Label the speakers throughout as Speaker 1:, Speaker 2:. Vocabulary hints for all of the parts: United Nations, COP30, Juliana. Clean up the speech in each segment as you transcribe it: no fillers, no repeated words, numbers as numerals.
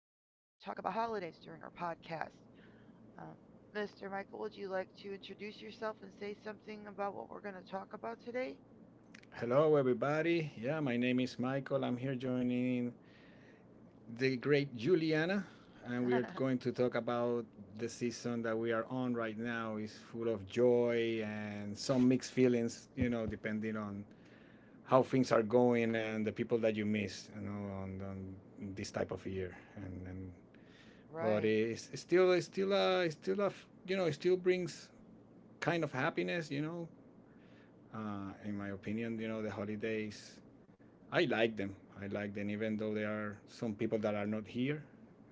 Speaker 1: to talk about holidays during our podcast. Um, Mr. Michael, would you like to introduce yourself and say something about what we're going to talk about today?
Speaker 2: Hello, everybody. Yeah, my name is Michael. I'm here joining the great Juliana, and we are going to talk about the season that we are on right now is full of joy and some mixed feelings, depending on how things are going and the people that you miss, on this type of year. And but
Speaker 1: Right.
Speaker 2: it's still, it still brings kind of happiness. In my opinion, the holidays I like them. I like them, even though there are some people that are not here,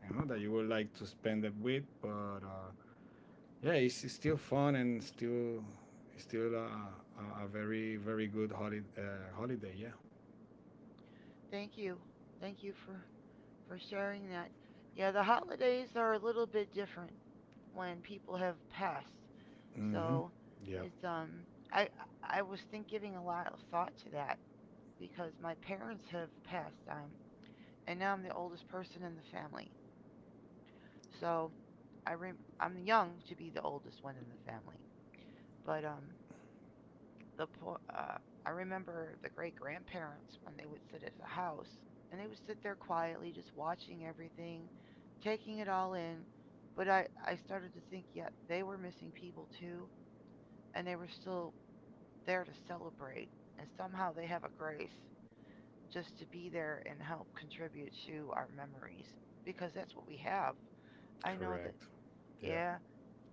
Speaker 2: that you would like to spend it with. But yeah, it's still fun and still a very good holiday. Yeah.
Speaker 1: Thank you. Thank you for sharing that. Yeah, the holidays are a little bit different when people have passed.
Speaker 2: Hmm.
Speaker 1: So
Speaker 2: Yeah.
Speaker 1: it's um I I was think giving a lot of thought to that because my parents have passed on, and now I'm the oldest person in the family. So I re- I'm young to be the oldest one in the family, but the po- uh, I remember the great grandparents when they would sit at the house and they would sit there quietly just watching everything, taking it all in. But I started to think, yeah, they were missing people too, and they were still there to celebrate, and somehow they have a grace just to be there and help contribute to our memories because that's what we have. I know that,
Speaker 2: Correct. Yeah,
Speaker 1: yeah,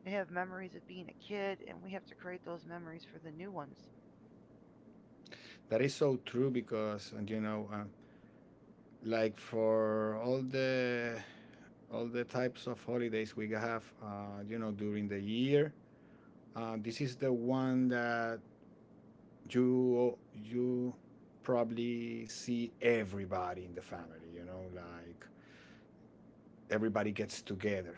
Speaker 1: we have memories of being a kid and we have to create those memories for the new ones.
Speaker 2: that is so true because and you know, Like, for all the types of holidays we have, during the year, this is the one that you probably see everybody in the family, like, everybody gets together.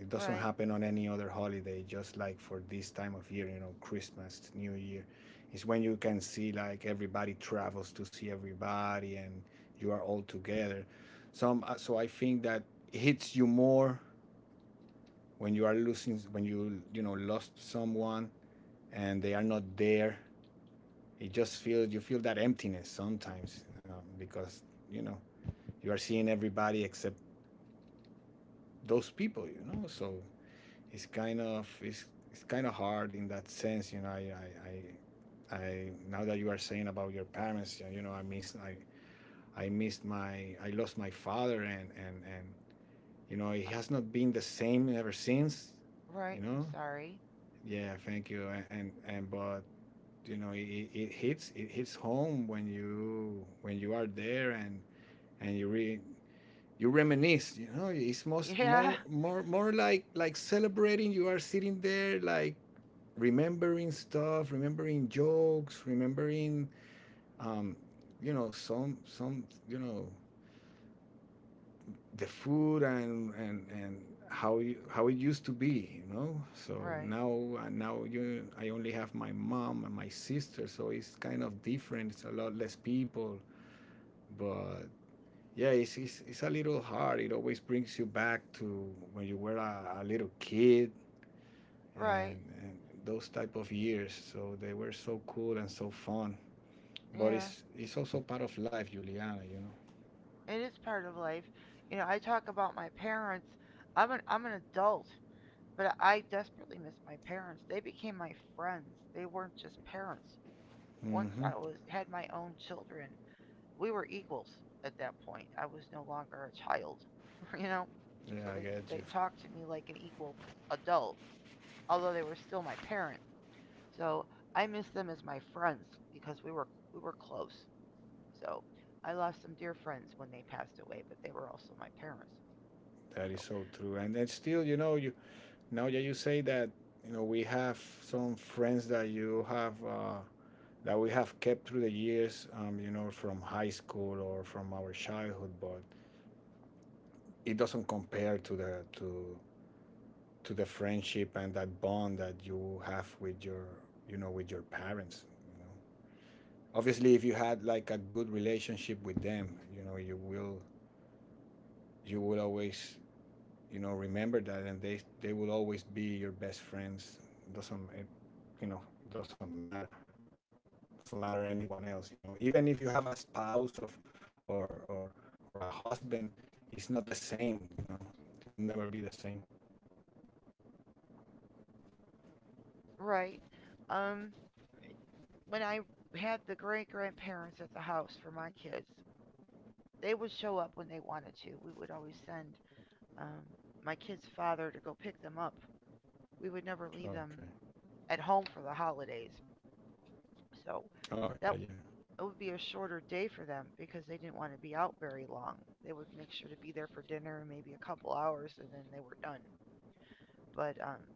Speaker 2: It doesn't
Speaker 1: Right.
Speaker 2: happen on any other holiday, just like for this time of year, Christmas, New Year, is when you can see, like, everybody travels to see everybody, and you are all together some So I think that hits you more when you are losing, when you know lost someone, and they are not there. It just feels, you feel that emptiness sometimes, because you know you are seeing everybody except those people, so it's kind of it's, it's kind of hard in that sense. You know I I Now that you are saying about your parents, yeah, you know I miss I missed my I lost my father, and it
Speaker 1: Uh,
Speaker 2: has not been the same ever since. you
Speaker 1: right. I'm
Speaker 2: know
Speaker 1: sorry.
Speaker 2: yeah, thank you, and but you know it, it hits home when you, when you are there, and you re you reminisce. It's most
Speaker 1: Yeah.
Speaker 2: more more more like celebrating. You are sitting there, like, remembering stuff, remembering jokes, remembering, um, some you know the food, and how it used to be. So
Speaker 1: Right.
Speaker 2: now now you I only have my mom and my sister, so it's kind of different. It's a lot less people, but yeah, it's a little hard. It always brings you back to when you were a little kid,
Speaker 1: Right.
Speaker 2: and those type of years. So they were so cool and so fun. But
Speaker 1: Yeah.
Speaker 2: it's also part of life, Juliana. You know.
Speaker 1: It is part of life. You know, I talk about my parents. I'm an adult, but I desperately miss my parents. They became my friends. They weren't just parents. Once
Speaker 2: Mm-hmm.
Speaker 1: I was had my own children, we were equals at that point. I was no longer a child, you know?
Speaker 2: Yeah,
Speaker 1: So
Speaker 2: I
Speaker 1: they,
Speaker 2: get you.
Speaker 1: they talked to me like an equal adult, although they were still my parents. So I miss them as my friends because we were close. So I lost some dear friends when they passed away, but they were also my parents.
Speaker 2: That is
Speaker 1: So
Speaker 2: so true. And then still, you now that you say that, we have some friends that you have. That we have kept through the years, from high school or from our childhood, but it doesn't compare to the friendship and that bond that you have with your you know with your parents. you know Obviously, if you had, like, a good relationship with them, you know you will you will always, remember that, and they will always be your best friends. It, you know doesn't matter doesn't matter anyone else, even if you have a spouse of or or or a husband. It's not the same, it will never be the same.
Speaker 1: right. Um when I had the great grandparents at the house for my kids, they would show up when they wanted to. We would always send um my kid's father to go pick them up. We would never leave
Speaker 2: Okay.
Speaker 1: them at home for the holidays. So
Speaker 2: Oh, yeah, yeah,
Speaker 1: that it would be a shorter day for them because they didn't want to be out very long. They would make sure to be there for dinner and maybe a couple hours and then they were done. But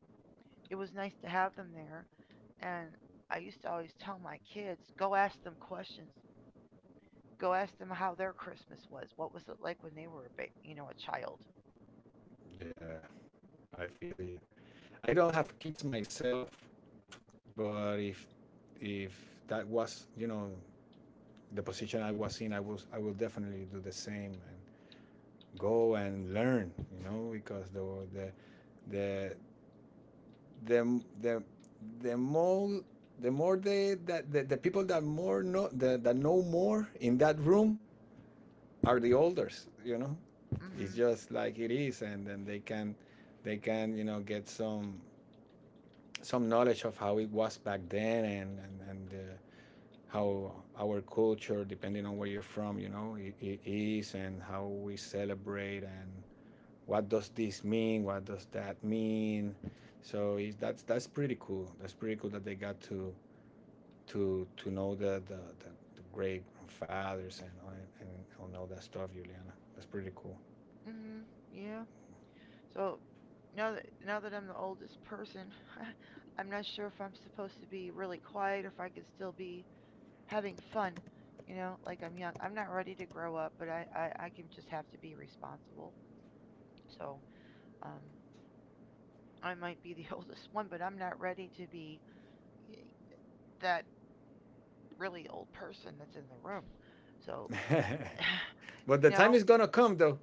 Speaker 1: It was nice to have them there. And I used to always tell my kids, go ask them questions. Go ask them how their Christmas was. What was it like when they were a you know a child?
Speaker 2: yeah. I feel you. I don't have kids myself, but if, if that was, the position I was in, I will definitely do the same and go and learn, because the the the the, the more the more they that the people that know more in that room are the elders,
Speaker 1: Mm.
Speaker 2: It's
Speaker 1: Mhm.
Speaker 2: just like it is, and then they can get some knowledge of how it was back then, and how our culture, depending on where you're from, you know, I is, and how we celebrate, and what does this mean? What does that mean? So it's, that's pretty cool. That's pretty cool that they got to know the great grandfathers, and and all that stuff, Juliana. That's pretty cool.
Speaker 1: Mm. Mhm. Yeah. So now that I'm the oldest person, I'm not sure if I'm supposed to be really quiet or if I can still be having fun, you know, like I'm young. I'm not ready to grow up, but I can just have to be responsible. So um, I might be the oldest one, but I'm not ready to be eh, that really old person that's in the room. So,
Speaker 2: But
Speaker 1: you
Speaker 2: the time
Speaker 1: know,
Speaker 2: is gonna come, though.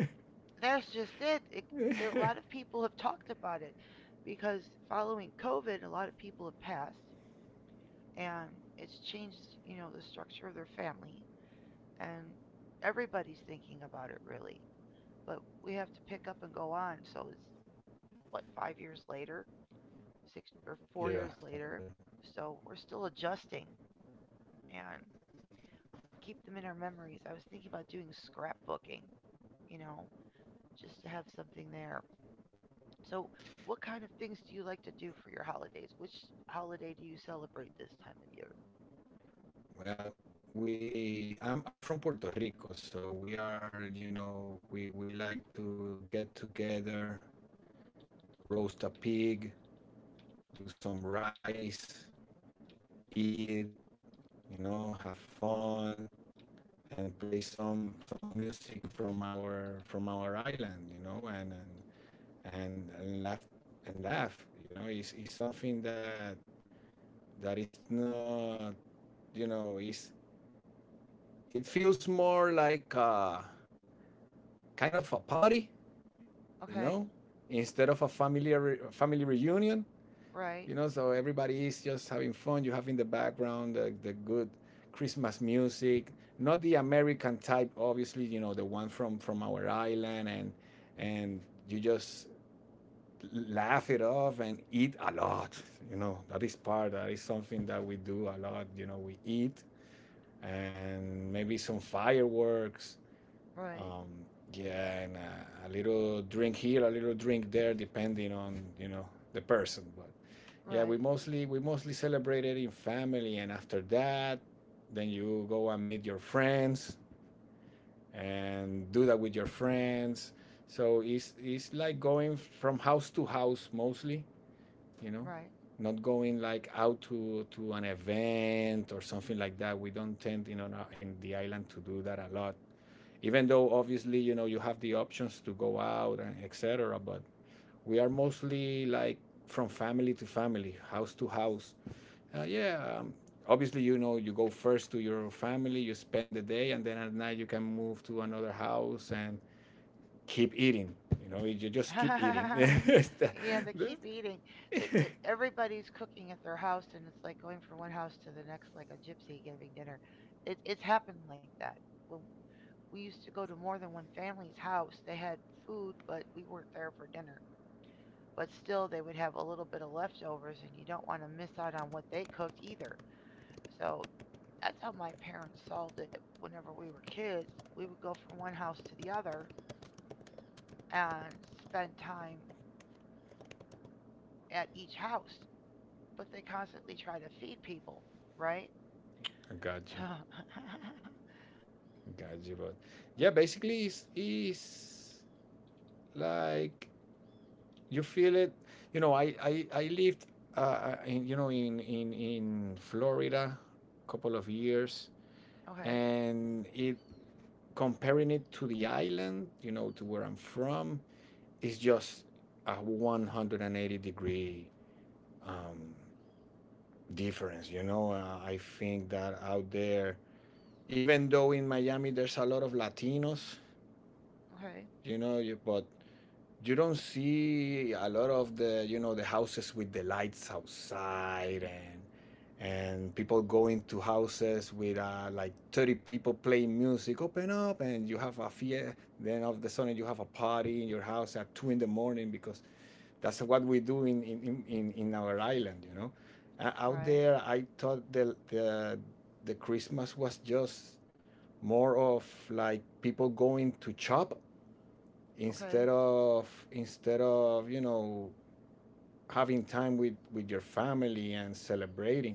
Speaker 1: that's just it. There, a lot of people have talked about it because following COVID, a lot of people have passed and it's changed, you know, the structure of their family. And everybody's thinking about it really. But we have to pick up and go on. So it's what, five years later, six or
Speaker 2: Yeah.
Speaker 1: four
Speaker 2: So
Speaker 1: years
Speaker 2: yeah.
Speaker 1: later. So we're still adjusting and keep them in our memories. I was thinking about doing scrapbooking, you know, just to have something there. So what kind of things do you like to do for your holidays? Which holiday do you celebrate this time of year?
Speaker 2: Well, we I'm from Puerto Rico, so we are, we like to get together, roast a pig, do some rice, eat, have fun, and play some music from our island, and laugh and laugh. Is something that is not, is, it feels more like a kind of a party, you know,
Speaker 1: Okay,
Speaker 2: instead of a family reunion.
Speaker 1: right,
Speaker 2: So everybody is just having fun. You have in the background the good Christmas music, not the American type, obviously, the one from our island, and and you just laugh it off and eat a lot. That is part. That is something that we do a lot. We eat, and maybe some fireworks,
Speaker 1: right,
Speaker 2: um, yeah, and a little drink here, a little drink there, depending on, the person. But yeah, we
Speaker 1: right,
Speaker 2: mostly we mostly celebrated in family, and after that, then you go and meet your friends and do that with your friends. So it's like going from house to house mostly, you know,
Speaker 1: right.
Speaker 2: not going, like, out to an event or something like that. We don't tend, in the island, to do that a lot, even though obviously, you have the options to go out and etc., but we are mostly like from family to family, house to house. uh, yeah um, Obviously, you go first to your family, you spend the day, and then at night you can move to another house and keep eating. You just keep eating.
Speaker 1: Yeah, they keep eating. Everybody's cooking at their house, and it's like going from one house to the next, like a gypsy giving dinner. It's happened like that. When we used to go to more than one family's house, they had food, but we weren't there for dinner. But still, they would have a little bit of leftovers, and you don't want to miss out on what they cooked either. So that's how my parents solved it whenever we were kids. We would go from one house to the other and spend time at each house, but they constantly try to feed people, right?
Speaker 2: Got you
Speaker 1: So,
Speaker 2: I got you, but yeah, basically it's like you feel it. I lived, in, in Florida a couple of years,
Speaker 1: okay,
Speaker 2: and, it comparing it to the island, to where I'm from, is just a 180 degree, um, difference. I think that out there, even though in Miami there's a lot of Latinos,
Speaker 1: okay,
Speaker 2: but you don't see a lot of the, the houses with the lights outside, and people going to houses with, like, 30 people playing music, open up, and you have a fiesta. Then all of the sudden you have a party in your house at 2 in the morning, because that's what we do in our island, Out
Speaker 1: right,
Speaker 2: there, I thought the Christmas was just more of, like, people going to chop, instead
Speaker 1: okay.
Speaker 2: of instead of having time with your family and celebrating.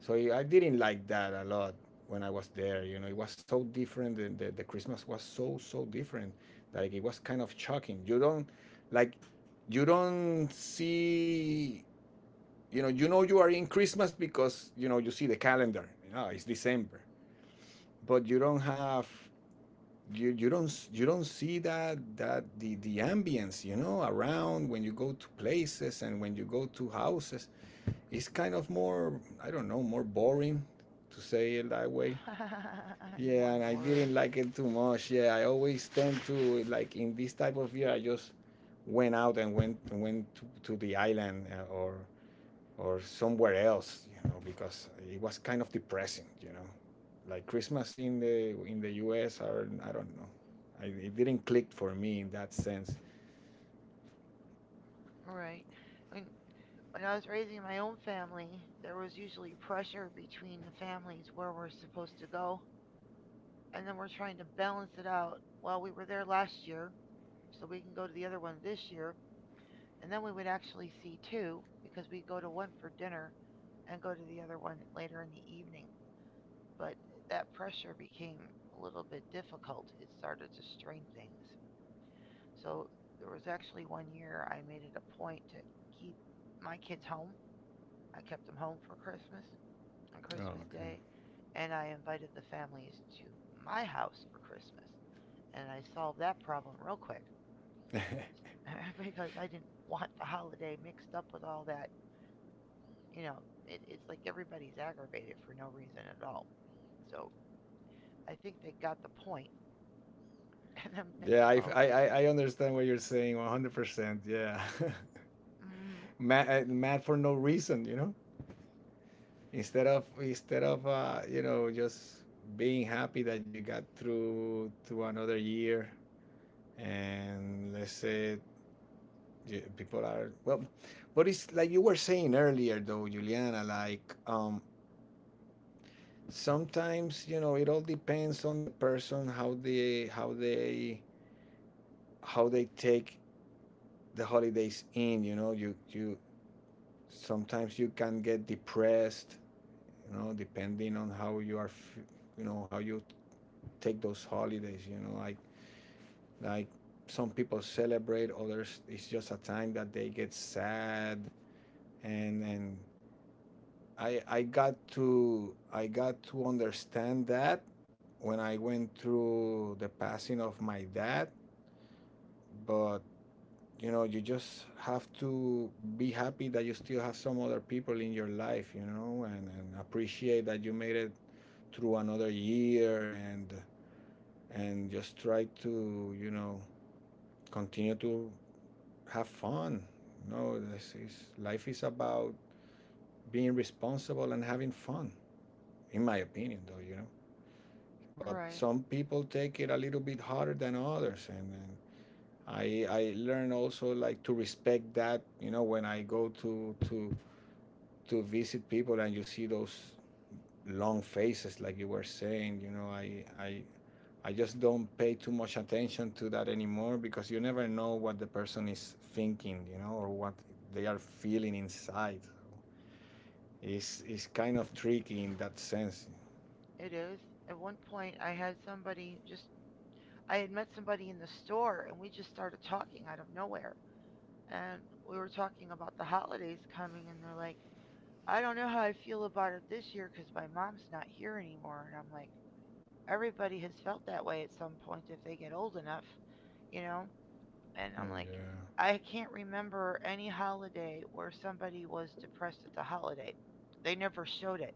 Speaker 2: So I didn't like that a lot when I was there. It was so different. The Christmas was so different, like, it was kind of shocking. You don't, like, you don't see. You are in Christmas because you see the calendar. Ah, it's December, but you don't have, you don't s- you don't see that, the ambience, around when you go to places and when you go to houses. It's kind of more, I don't know, more boring, to say it that way.
Speaker 1: More
Speaker 2: Yeah, and I
Speaker 1: boring,
Speaker 2: didn't like it too much. Yeah, I always tend to, like, in this type of year, I just went out and went to the island, or somewhere else, because it was kind of depressing, Like, Christmas in the U.S. are, I don't know, it didn't click for me in that sense.
Speaker 1: right? When when I was raising my own family, there was usually pressure between the families where we're supposed to go, and then we're trying to balance it out. Well, we were there last year, so we can go to the other one this year, and then we would actually see two because we go to one for dinner and go to the other one later in the evening. But that pressure became a little bit difficult. It started to strain things. So there was actually one year I made it a point to keep my kids home. I kept them home for Christmas on
Speaker 2: Oh,
Speaker 1: Christmas Day, and I invited the families to my house for Christmas. And I solved that problem real quick
Speaker 2: okay.
Speaker 1: because I didn't want the holiday mixed up with all that. You know, it's like everybody's aggravated for no reason at all. So I think they got the point. And then the
Speaker 2: Yeah, I I,
Speaker 1: following.
Speaker 2: I- understand what you're saying 100%. Yeah,
Speaker 1: Mhm.
Speaker 2: mad for no reason, Instead of you know just being happy that you got through to another year and let's say yeah, people are well. But it's like you were saying earlier though, Juliana, like sometimes, you know, it all depends on the person, how they how they take the holidays in, you know. You sometimes you can get depressed, you know, depending on how you are you know how you take those holidays, you know, like some people celebrate, others it's just a time that they get sad. And I got to I got to understand that when I went through the passing of my dad. But you know, you just have to be happy that you still have some other people in your life, you know, and appreciate that you made it through another year, and just try to, you know, continue to have fun. You know, this is life is about being responsible and having fun, in my opinion though, you know. But
Speaker 1: Right.
Speaker 2: some people take it a little bit harder than others, and I learn also like to respect that. You know, when I go to to visit people and you see those long faces like you were saying, you know, I just don't pay too much attention to that anymore because you never know what the person is thinking, you know, or what they are feeling inside. It's kind of tricky in that sense.
Speaker 1: It is. At one point, I had I had met somebody in the store and we just started talking out of nowhere. And we were talking about the holidays coming and they're like, I don't know how I feel about it this year because my mom's not here anymore. And I'm like, everybody has felt that way at some point if they get old enough, you know? And I'm
Speaker 2: Mm,
Speaker 1: like,
Speaker 2: yeah.
Speaker 1: I can't remember any holiday where somebody was depressed at the holiday. They never showed it.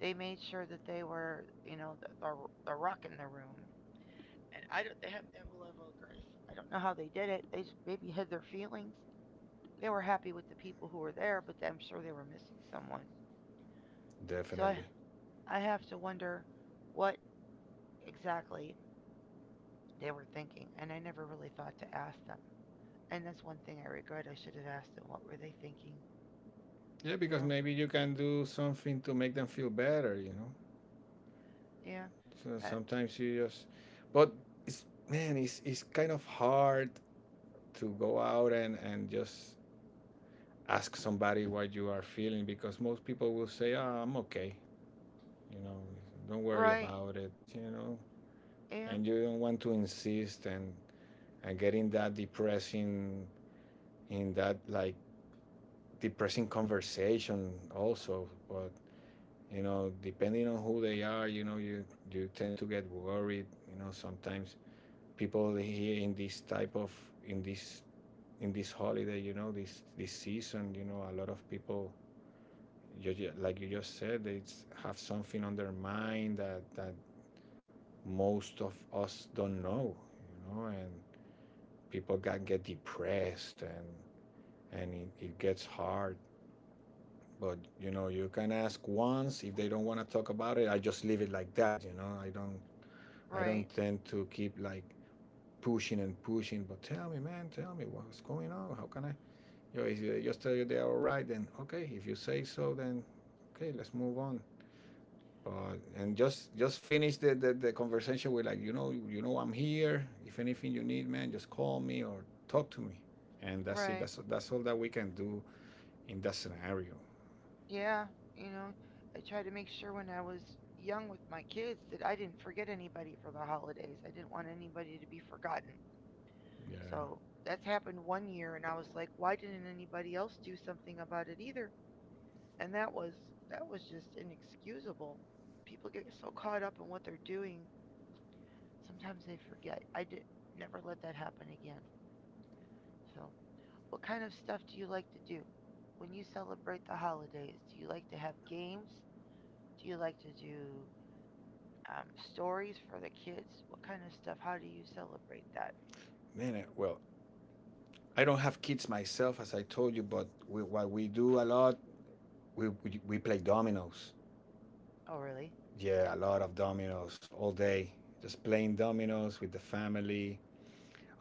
Speaker 1: They made sure that they were, you know, the rock in the room. And I don't. They have to have a level of grace. I don't know how they did it. They just maybe hid their feelings. They were happy with the people who were there, but I'm sure they were missing someone. So I
Speaker 2: Definitely.
Speaker 1: I have to wonder what exactly they were thinking, and I never really thought to ask them. And that's one thing I regret. I should have asked them what were they thinking.
Speaker 2: Yeah,
Speaker 1: You
Speaker 2: because
Speaker 1: know?
Speaker 2: maybe you can do something to make them feel better, you know.
Speaker 1: Yeah.
Speaker 2: So
Speaker 1: I,
Speaker 2: sometimes you just, but it's, man, it's kind of hard to go out and just ask somebody what you are feeling, because most people will say, "Ah, I'm okay," you know. Don't worry
Speaker 1: right.
Speaker 2: about it, you know.
Speaker 1: Yeah.
Speaker 2: And you don't want to insist and get in that depressing, in that, like, depressing conversation also. But you know, depending on who they are, you know, you tend to get worried, you know. Sometimes people here in this type of, in this in this holiday, you know, this season, you know, a lot of people, you, like you just said, they have something on their mind that most of us don't know, you know. And people can get depressed, and it gets hard. But you know, you can ask once. If they don't want to talk about it, I just leave it like that. You know, I don't, I
Speaker 1: Right.
Speaker 2: don't tend to keep like pushing and pushing, but tell me, man, tell me what's going on. How can I? You know, just tell you they are all right, then okay. If you say so, then okay, let's move on. But and just finish the conversation with like, you know, you know, I'm here. If anything you need, man, just call me or talk to me. And that's it.
Speaker 1: Right.
Speaker 2: That's all that we can do in that scenario.
Speaker 1: Yeah, you know, I tried to make sure when I was young with my kids that I didn't forget anybody for the holidays. I didn't want anybody to be forgotten.
Speaker 2: Yeah,
Speaker 1: So that's happened one year, and I was like, why didn't anybody else do something about it either? And that was just inexcusable. People get so caught up in what they're doing, sometimes they forget. I did Never let that happen again. So, what kind of stuff do you like to do when you celebrate the holidays? Do you like to have games? Do you like to do um, stories for the kids? What kind of stuff? How do you celebrate that?
Speaker 2: man. Well, I don't have kids myself, as I told you, but we, what we do a lot, we, we play dominoes.
Speaker 1: Oh, really?
Speaker 2: Yeah, a lot of dominoes all day. Just playing dominoes with the family.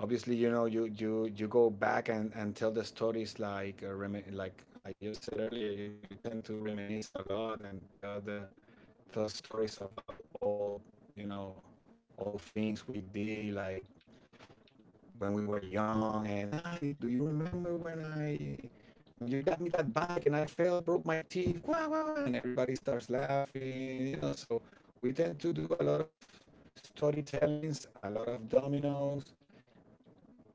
Speaker 2: Obviously, you know, you go back and tell the stories like like I just said earlier. You know, you tend to reminisce a lot and tell the, tell stories about old, you know, old things we did like when we were young. And ah, you, do you remember when I when you got me that bike and I fell, broke my teeth, wah, wah, wah, and everybody starts laughing, you know. So we tend to do a lot of storytellings, a lot of dominoes,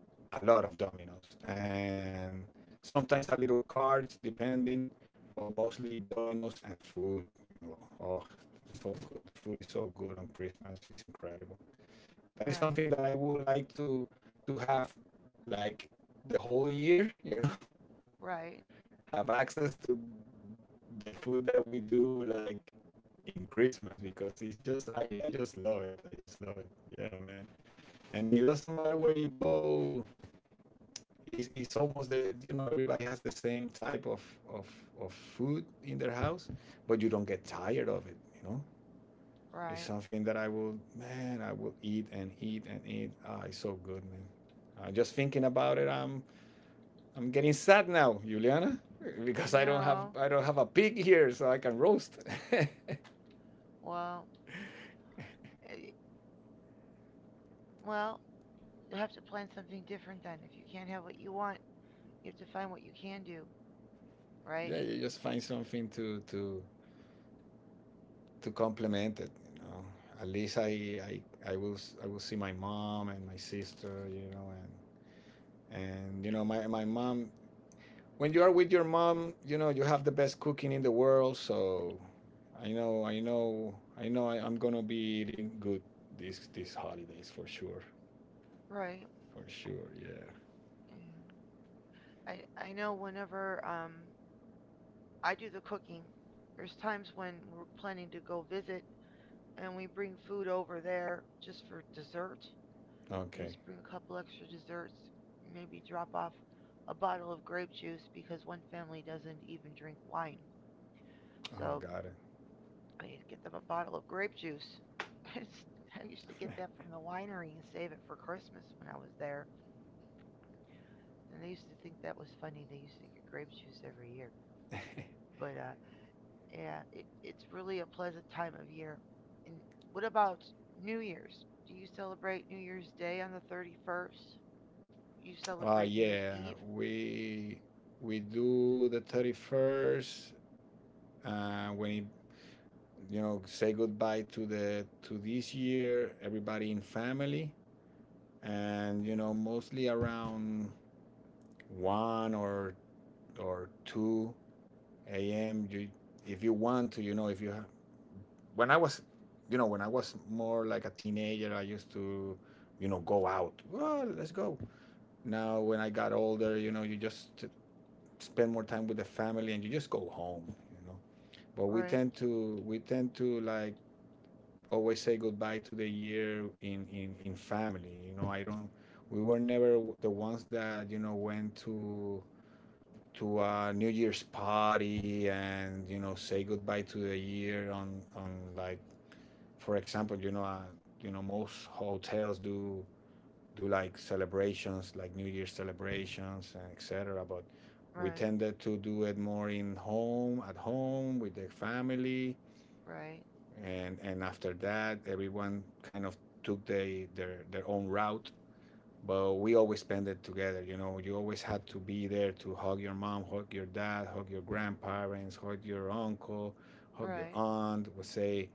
Speaker 2: a lot of dominoes, and sometimes a little cards, depending, but mostly dominoes and food. You know, oh, so good. The food is so good on Christmas. It's incredible that is something
Speaker 1: Right,
Speaker 2: that I would like to have like the whole year, you know,
Speaker 1: right,
Speaker 2: have access to the food that we do, like in Christmas, because it's just, I just love it. I just love it. Yeah, man. And it doesn't matter where you go. It's almost the, you know, everybody has the same type of of food in their house, but you don't get tired of it. You know, it's
Speaker 1: right.
Speaker 2: something that I will, man, I will eat and eat and eat. Ah, it's so good, man. Just thinking about it, I'm getting sad now, Juliana, because
Speaker 1: No.
Speaker 2: I don't have a pig here, so I can roast.
Speaker 1: Well, eh, well, you have to plan something different then. If you can't have what you want, you have to find what you can do, right?
Speaker 2: Yeah, you just find something to complement it. You know, at least I will, I will see my mom and my sister, you know, and you know my mom, when you are with your mom, you know you have the best cooking in the world. So I'm gonna be eating good these holidays for sure,
Speaker 1: Right.
Speaker 2: for sure. Yeah.
Speaker 1: Yeah. I know whenever I do the cooking, there's times when we're planning to go visit and we bring food over there just for dessert. You
Speaker 2: Okay.
Speaker 1: just bring a couple extra desserts, maybe drop off a bottle of grape juice because one family doesn't even drink wine.
Speaker 2: Oh,
Speaker 1: So
Speaker 2: got it.
Speaker 1: I need to get them a bottle of grape juice. I used to get that from the winery and save it for Christmas when I was there. And they used to think that was funny. They used to get grape juice every year. But Yeah, it's really a pleasant time of year. And what about New Year's? Do you celebrate New Year's Day on the 31st? You
Speaker 2: Uh
Speaker 1: celebrate New Year's
Speaker 2: yeah.
Speaker 1: Eve?
Speaker 2: We we do the 31st. When it, you know, say goodbye to the, to this year, everybody in family, and you know mostly around one or two AM. You, if you want to, you know, if you have. When I was, you know, when I was more like a teenager, I used to, you know, go out. Well, let's go. Now, when I got older, you know, you just spend more time with the family and you just go home. You know, but we
Speaker 1: Right,
Speaker 2: tend to we tend to like always say goodbye to the year in in family. You know, I don't. We were never the ones that, you know, went to a New Year's party and you know say goodbye to the year on, like for example, you know, you know most hotels do do like celebrations, like New Year's celebrations, and etc. But we
Speaker 1: right.
Speaker 2: tended to do it more in home, at home with the family.
Speaker 1: Right.
Speaker 2: And after that everyone kind of took they, their own route, but we always spend it together. You know, you always had to be there to hug your mom, hug your dad, hug your grandparents, hug your uncle, hug your
Speaker 1: Right.
Speaker 2: aunt, would say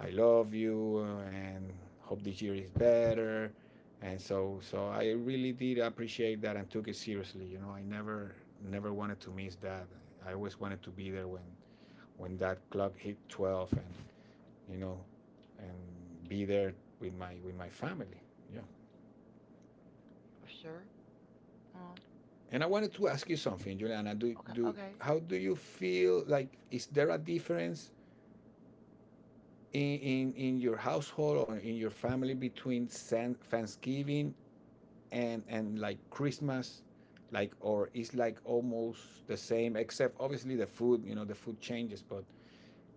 Speaker 2: I love you, and hope this year is better. And so, so I really did appreciate that and took it seriously. You know, I never, never wanted to miss that. I always wanted to be there when that clock hit 12 and, you know, and be there with my, with my family. Yeah.
Speaker 1: Sure. Well,
Speaker 2: And I wanted to ask you something, Juliana. Do
Speaker 1: okay.
Speaker 2: do
Speaker 1: Okay.
Speaker 2: how do you feel, like, is there a difference in in your household or in your family between Thanksgiving and like Christmas? Like, or is like almost the same except obviously the food, you know, the food changes, but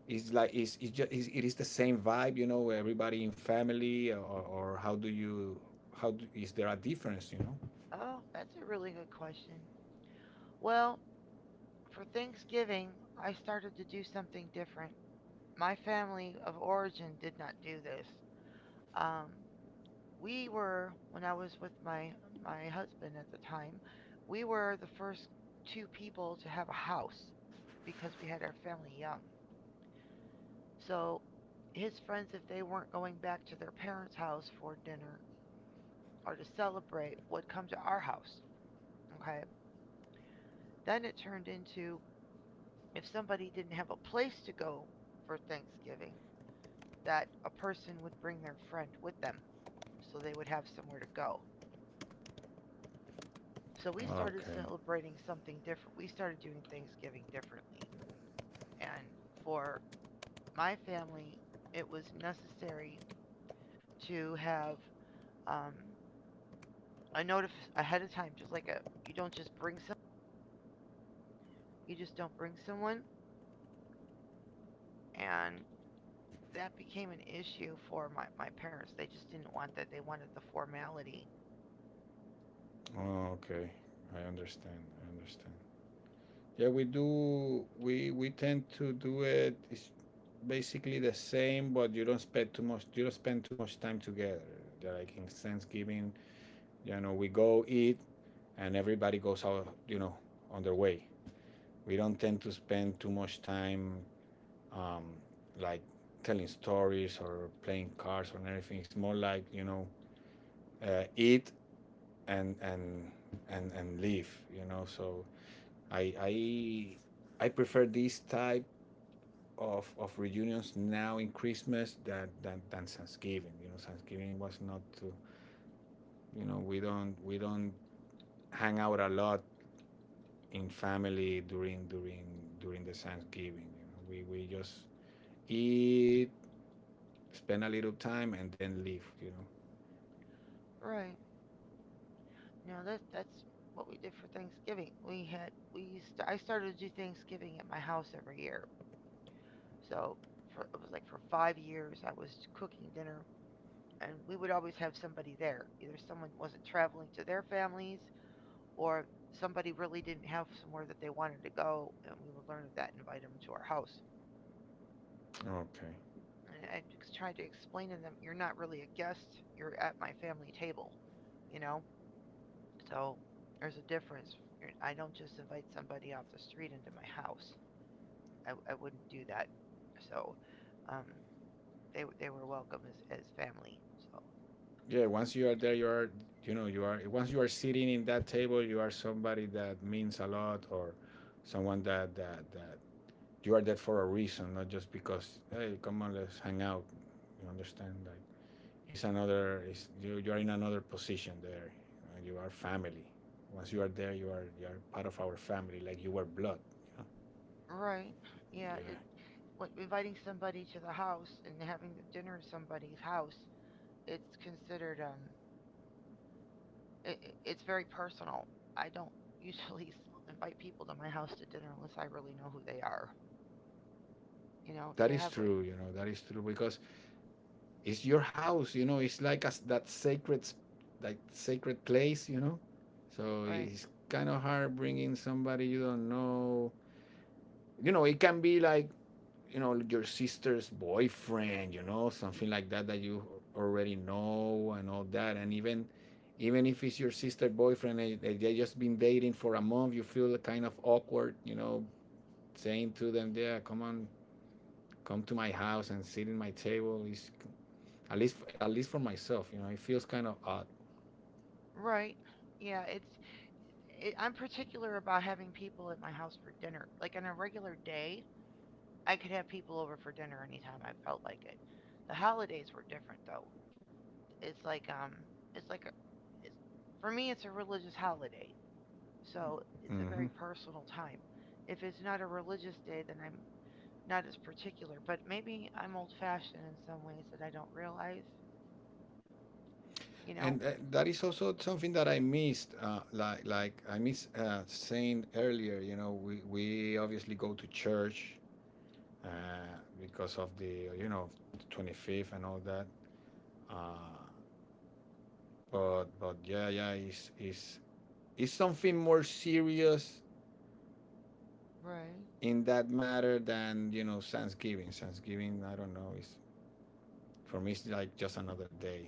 Speaker 2: it's like, is it just is, it is the same vibe, you know, everybody in family? Or how do you, how do, is there a difference, you know?
Speaker 1: Oh, that's a really good question. Well, for Thanksgiving, I started to do something different. My family of origin did not do this. Um, we were when I was with my husband at the time, we were the first two people to have a house because we had our family young. So his friends, if they weren't going back to their parents' house for dinner or to celebrate, would come to our house. Okay. Then it turned into if somebody didn't have a place to go for Thanksgiving, that a person would bring their friend with them so they would have somewhere to go. So we started
Speaker 2: Okay.
Speaker 1: celebrating something different. We started doing Thanksgiving differently. And for my family, it was necessary to have um, a notice ahead of time, just like a you don't just bring some, you just don't bring someone, and that became an issue for my parents. They just didn't want that. They wanted the formality.
Speaker 2: Okay. I understand. I understand. Yeah, we do. We tend to do it. It's basically the same, but you don't spend too much. You don't spend too much time together. They're like in Thanksgiving, you know, we go eat, and everybody goes out, you know, on their way. We don't tend to spend too much time, um, like telling stories or playing cards or anything. It's more like, you know, eat and and and leave. You know, so I I I prefer this type of reunions now in Christmas that than Thanksgiving. You know, Thanksgiving was not to, you know, we don't hang out a lot in family during the Thanksgiving. You know, we just eat, spend a little time, and then leave. You know.
Speaker 1: Right. No, that's what we did for Thanksgiving. We had we used to, I started to do Thanksgiving at my house every year. So it was like for 5 years I was cooking dinner, and we would always have somebody there. Either someone wasn't traveling to their families, or somebody really didn't have somewhere that they wanted to go, and we would learn of that and invite them to our house.
Speaker 2: Okay.
Speaker 1: I tried to explain to them, you're not really a guest. You're at my family table, you know. So there's a difference. I don't just invite somebody off the street into my house. I wouldn't do that. So, um, they were welcome as family. So,
Speaker 2: Yeah. Once you are there, you are, you know, you are, once you are sitting in that table, you are somebody that means a lot, or someone that you are there for a reason, not just because, hey, come on, let's hang out. You understand? Like, it's another, it's, you are in another position there. You, know, you are family. Once you are there, you are part of our family, like you were blood. You know?
Speaker 1: right, yeah. It
Speaker 2: Yeah,
Speaker 1: What inviting somebody to the house and having dinner at somebody's house, it's considered, It, it's very personal. I don't usually invite people to my house to dinner unless I really know who they are. You know,
Speaker 2: that
Speaker 1: to
Speaker 2: is
Speaker 1: have like
Speaker 2: true. You know that is true because it's your house. You know, it's like as that that sacred place. You know, so
Speaker 1: Right,
Speaker 2: it's kind of hard bringing somebody you don't know. You know, it can be like, you know, your sister's boyfriend, you know, something like that that you already know and all that. And even, even if it's your sister's boyfriend and they just been dating for a month, you feel kind of awkward, you know, saying to them, yeah, come on, come to my house and sit in my table is, at least, at least for myself, you know, it feels kind of odd.
Speaker 1: right, yeah. I'm particular about having people at my house for dinner. Like on a regular day, I could have people over for dinner anytime I felt like it. The holidays were different though. It's like um, it's like a, it's, For me, it's a religious holiday, so it's a very
Speaker 2: Mm-hmm.
Speaker 1: personal time. If it's not a religious day, then I'm not as particular, but maybe I'm old fashioned in some ways that I don't realize, you know?
Speaker 2: And that is also something that I missed, like I miss saying earlier, you know, we obviously go to church uh, because of the, you know, 25th and all that. Uh, but yeah, yeah, it's it's something more serious
Speaker 1: Right.
Speaker 2: in that matter than, you know, Thanksgiving. Thanksgiving, I don't know, is, for me it's like just another day.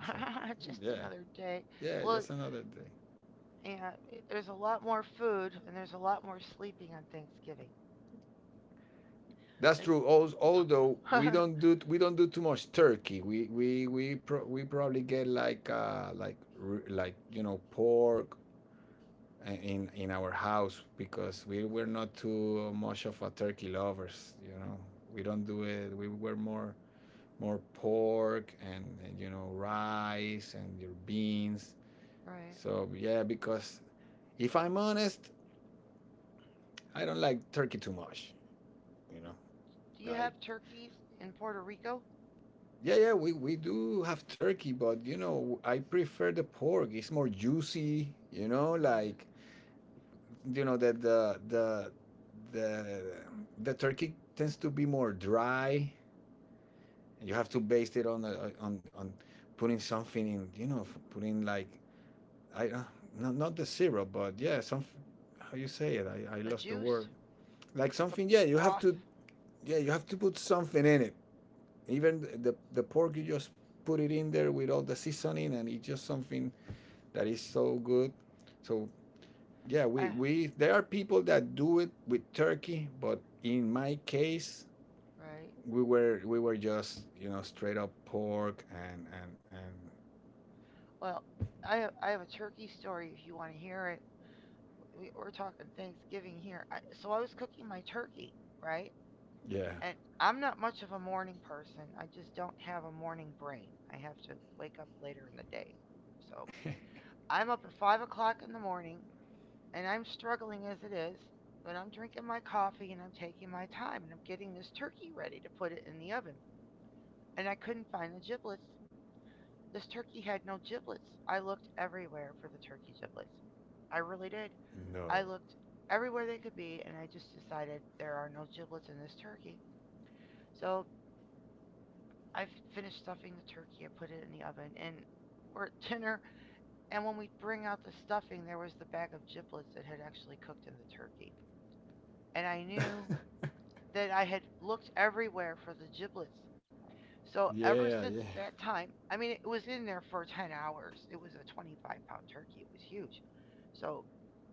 Speaker 2: So
Speaker 1: Just
Speaker 2: yeah,
Speaker 1: another day.
Speaker 2: yeah,
Speaker 1: Well,
Speaker 2: just another day.
Speaker 1: yeah, there's a lot more food and there's a lot more sleeping on Thanksgiving.
Speaker 2: That's true. Although
Speaker 1: Right.
Speaker 2: we
Speaker 1: Do
Speaker 2: don't do we don't do too much turkey. We we we probably get like like, you know, pork in our house because we were not too much of a turkey lovers, you know. We don't do it. We were more, more pork and, you know, rice and your beans.
Speaker 1: Right.
Speaker 2: So yeah, because if I'm honest, I don't like turkey too much, you know,
Speaker 1: You
Speaker 2: like,
Speaker 1: have turkeys in Puerto Rico?
Speaker 2: yeah, yeah, we do have turkey, but, you know, I prefer the pork. It's more juicy. You know,
Speaker 1: Mhm.
Speaker 2: like, you know, that the the turkey tends to be more dry. You have to baste it on the, on putting something in. You know, putting like, I, not, not the syrup, but yeah, some, how you say it. I
Speaker 1: The
Speaker 2: lost the word.
Speaker 1: juice,
Speaker 2: Like
Speaker 1: the
Speaker 2: something. Yeah, you have
Speaker 1: broth.
Speaker 2: to, yeah, you have to put something in it. Even the pork, you just put it in there with all the seasoning, and it's just something that is so good. So yeah,
Speaker 1: Uh,
Speaker 2: we, there are people that do it with turkey, but in my case,
Speaker 1: Right.
Speaker 2: we were just, you know, straight up pork and
Speaker 1: Well, I have a turkey story if you want to hear it. We're talking Thanksgiving here. So I was cooking my turkey, right?
Speaker 2: yeah,
Speaker 1: And I'm not much of a morning person. I just don't have a morning brain. I have to wake up later in the day. So I'm up at 5 o'clock in the morning and I'm struggling as it is, but I'm drinking my coffee and I'm taking my time and I'm getting this turkey ready to put it in the oven. And I couldn't find the giblets. This turkey had no giblets. I looked everywhere for the turkey giblets. I really did. I
Speaker 2: no,
Speaker 1: looked everywhere they could be, and I just decided there are no giblets in this turkey. So I've finished stuffing the turkey. I put it in the oven, and we're at dinner. And when we bring out the stuffing, there was the bag of giblets that had actually cooked in the turkey. And I knew that I had looked everywhere for the giblets. So
Speaker 2: yeah,
Speaker 1: ever
Speaker 2: yeah,
Speaker 1: since that time, I mean, it was in there for 10 hours. It was a 25-pound turkey. It was huge. So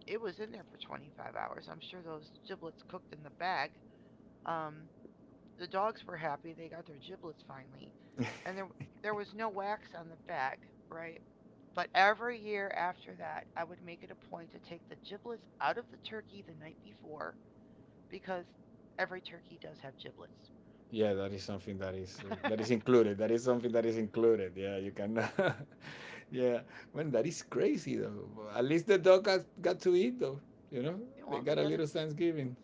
Speaker 1: it was in there for 25 hours. I'm sure those giblets cooked in the bag. Um, The dogs were happy; they got their giblets finally, and there was no wax on the bag, right? But every year after that, I would make it a point to take the giblets out of the turkey the night before because every turkey does have giblets.
Speaker 2: yeah. That is something that is included. That is something that is included. Yeah, you can. Yeah, man, that is crazy though. At least the dog got to eat though. You know,
Speaker 1: And
Speaker 2: they
Speaker 1: well,
Speaker 2: got a little Thanksgiving.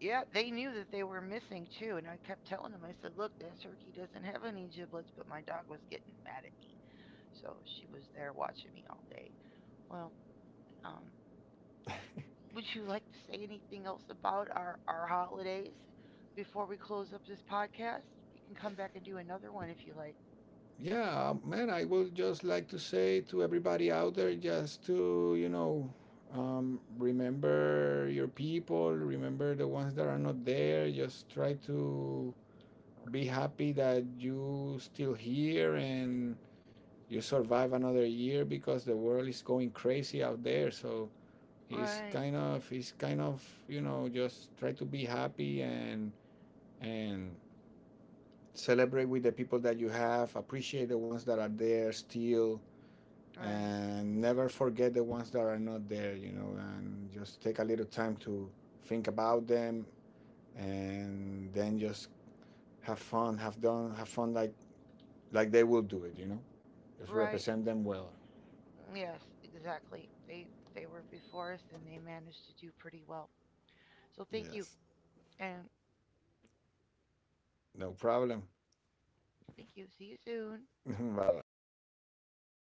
Speaker 1: yeah, they knew that they were missing too, and I kept telling them, I said, look, that turkey doesn't have any giblets, but my dog was getting mad at me, so she was there watching me all day. Well, um, would you like to say anything else about our holidays before we close up this podcast? We can come back and do another one if you like.
Speaker 2: Yeah, man, I would just like to say to everybody out there, just to, you know, remember your people, remember the ones that are not there, just try to be happy that you still here and you survive another year because the world is going crazy out there. So it's
Speaker 1: Right,
Speaker 2: kind of, it's kind of, you know, just try to be happy and celebrate with the people that you have, appreciate the ones that are there still,
Speaker 1: right,
Speaker 2: and never forget the ones that are not there, you know, and just take a little time to think about them, and then just have fun, have fun, like they will do it, you know, just
Speaker 1: right.
Speaker 2: represent them well.
Speaker 1: Yes, exactly. They were before us, and they managed to do pretty well. So thank you,
Speaker 2: Yes.
Speaker 1: and
Speaker 2: No problem.
Speaker 1: thank you. See you soon.
Speaker 2: Bye bye.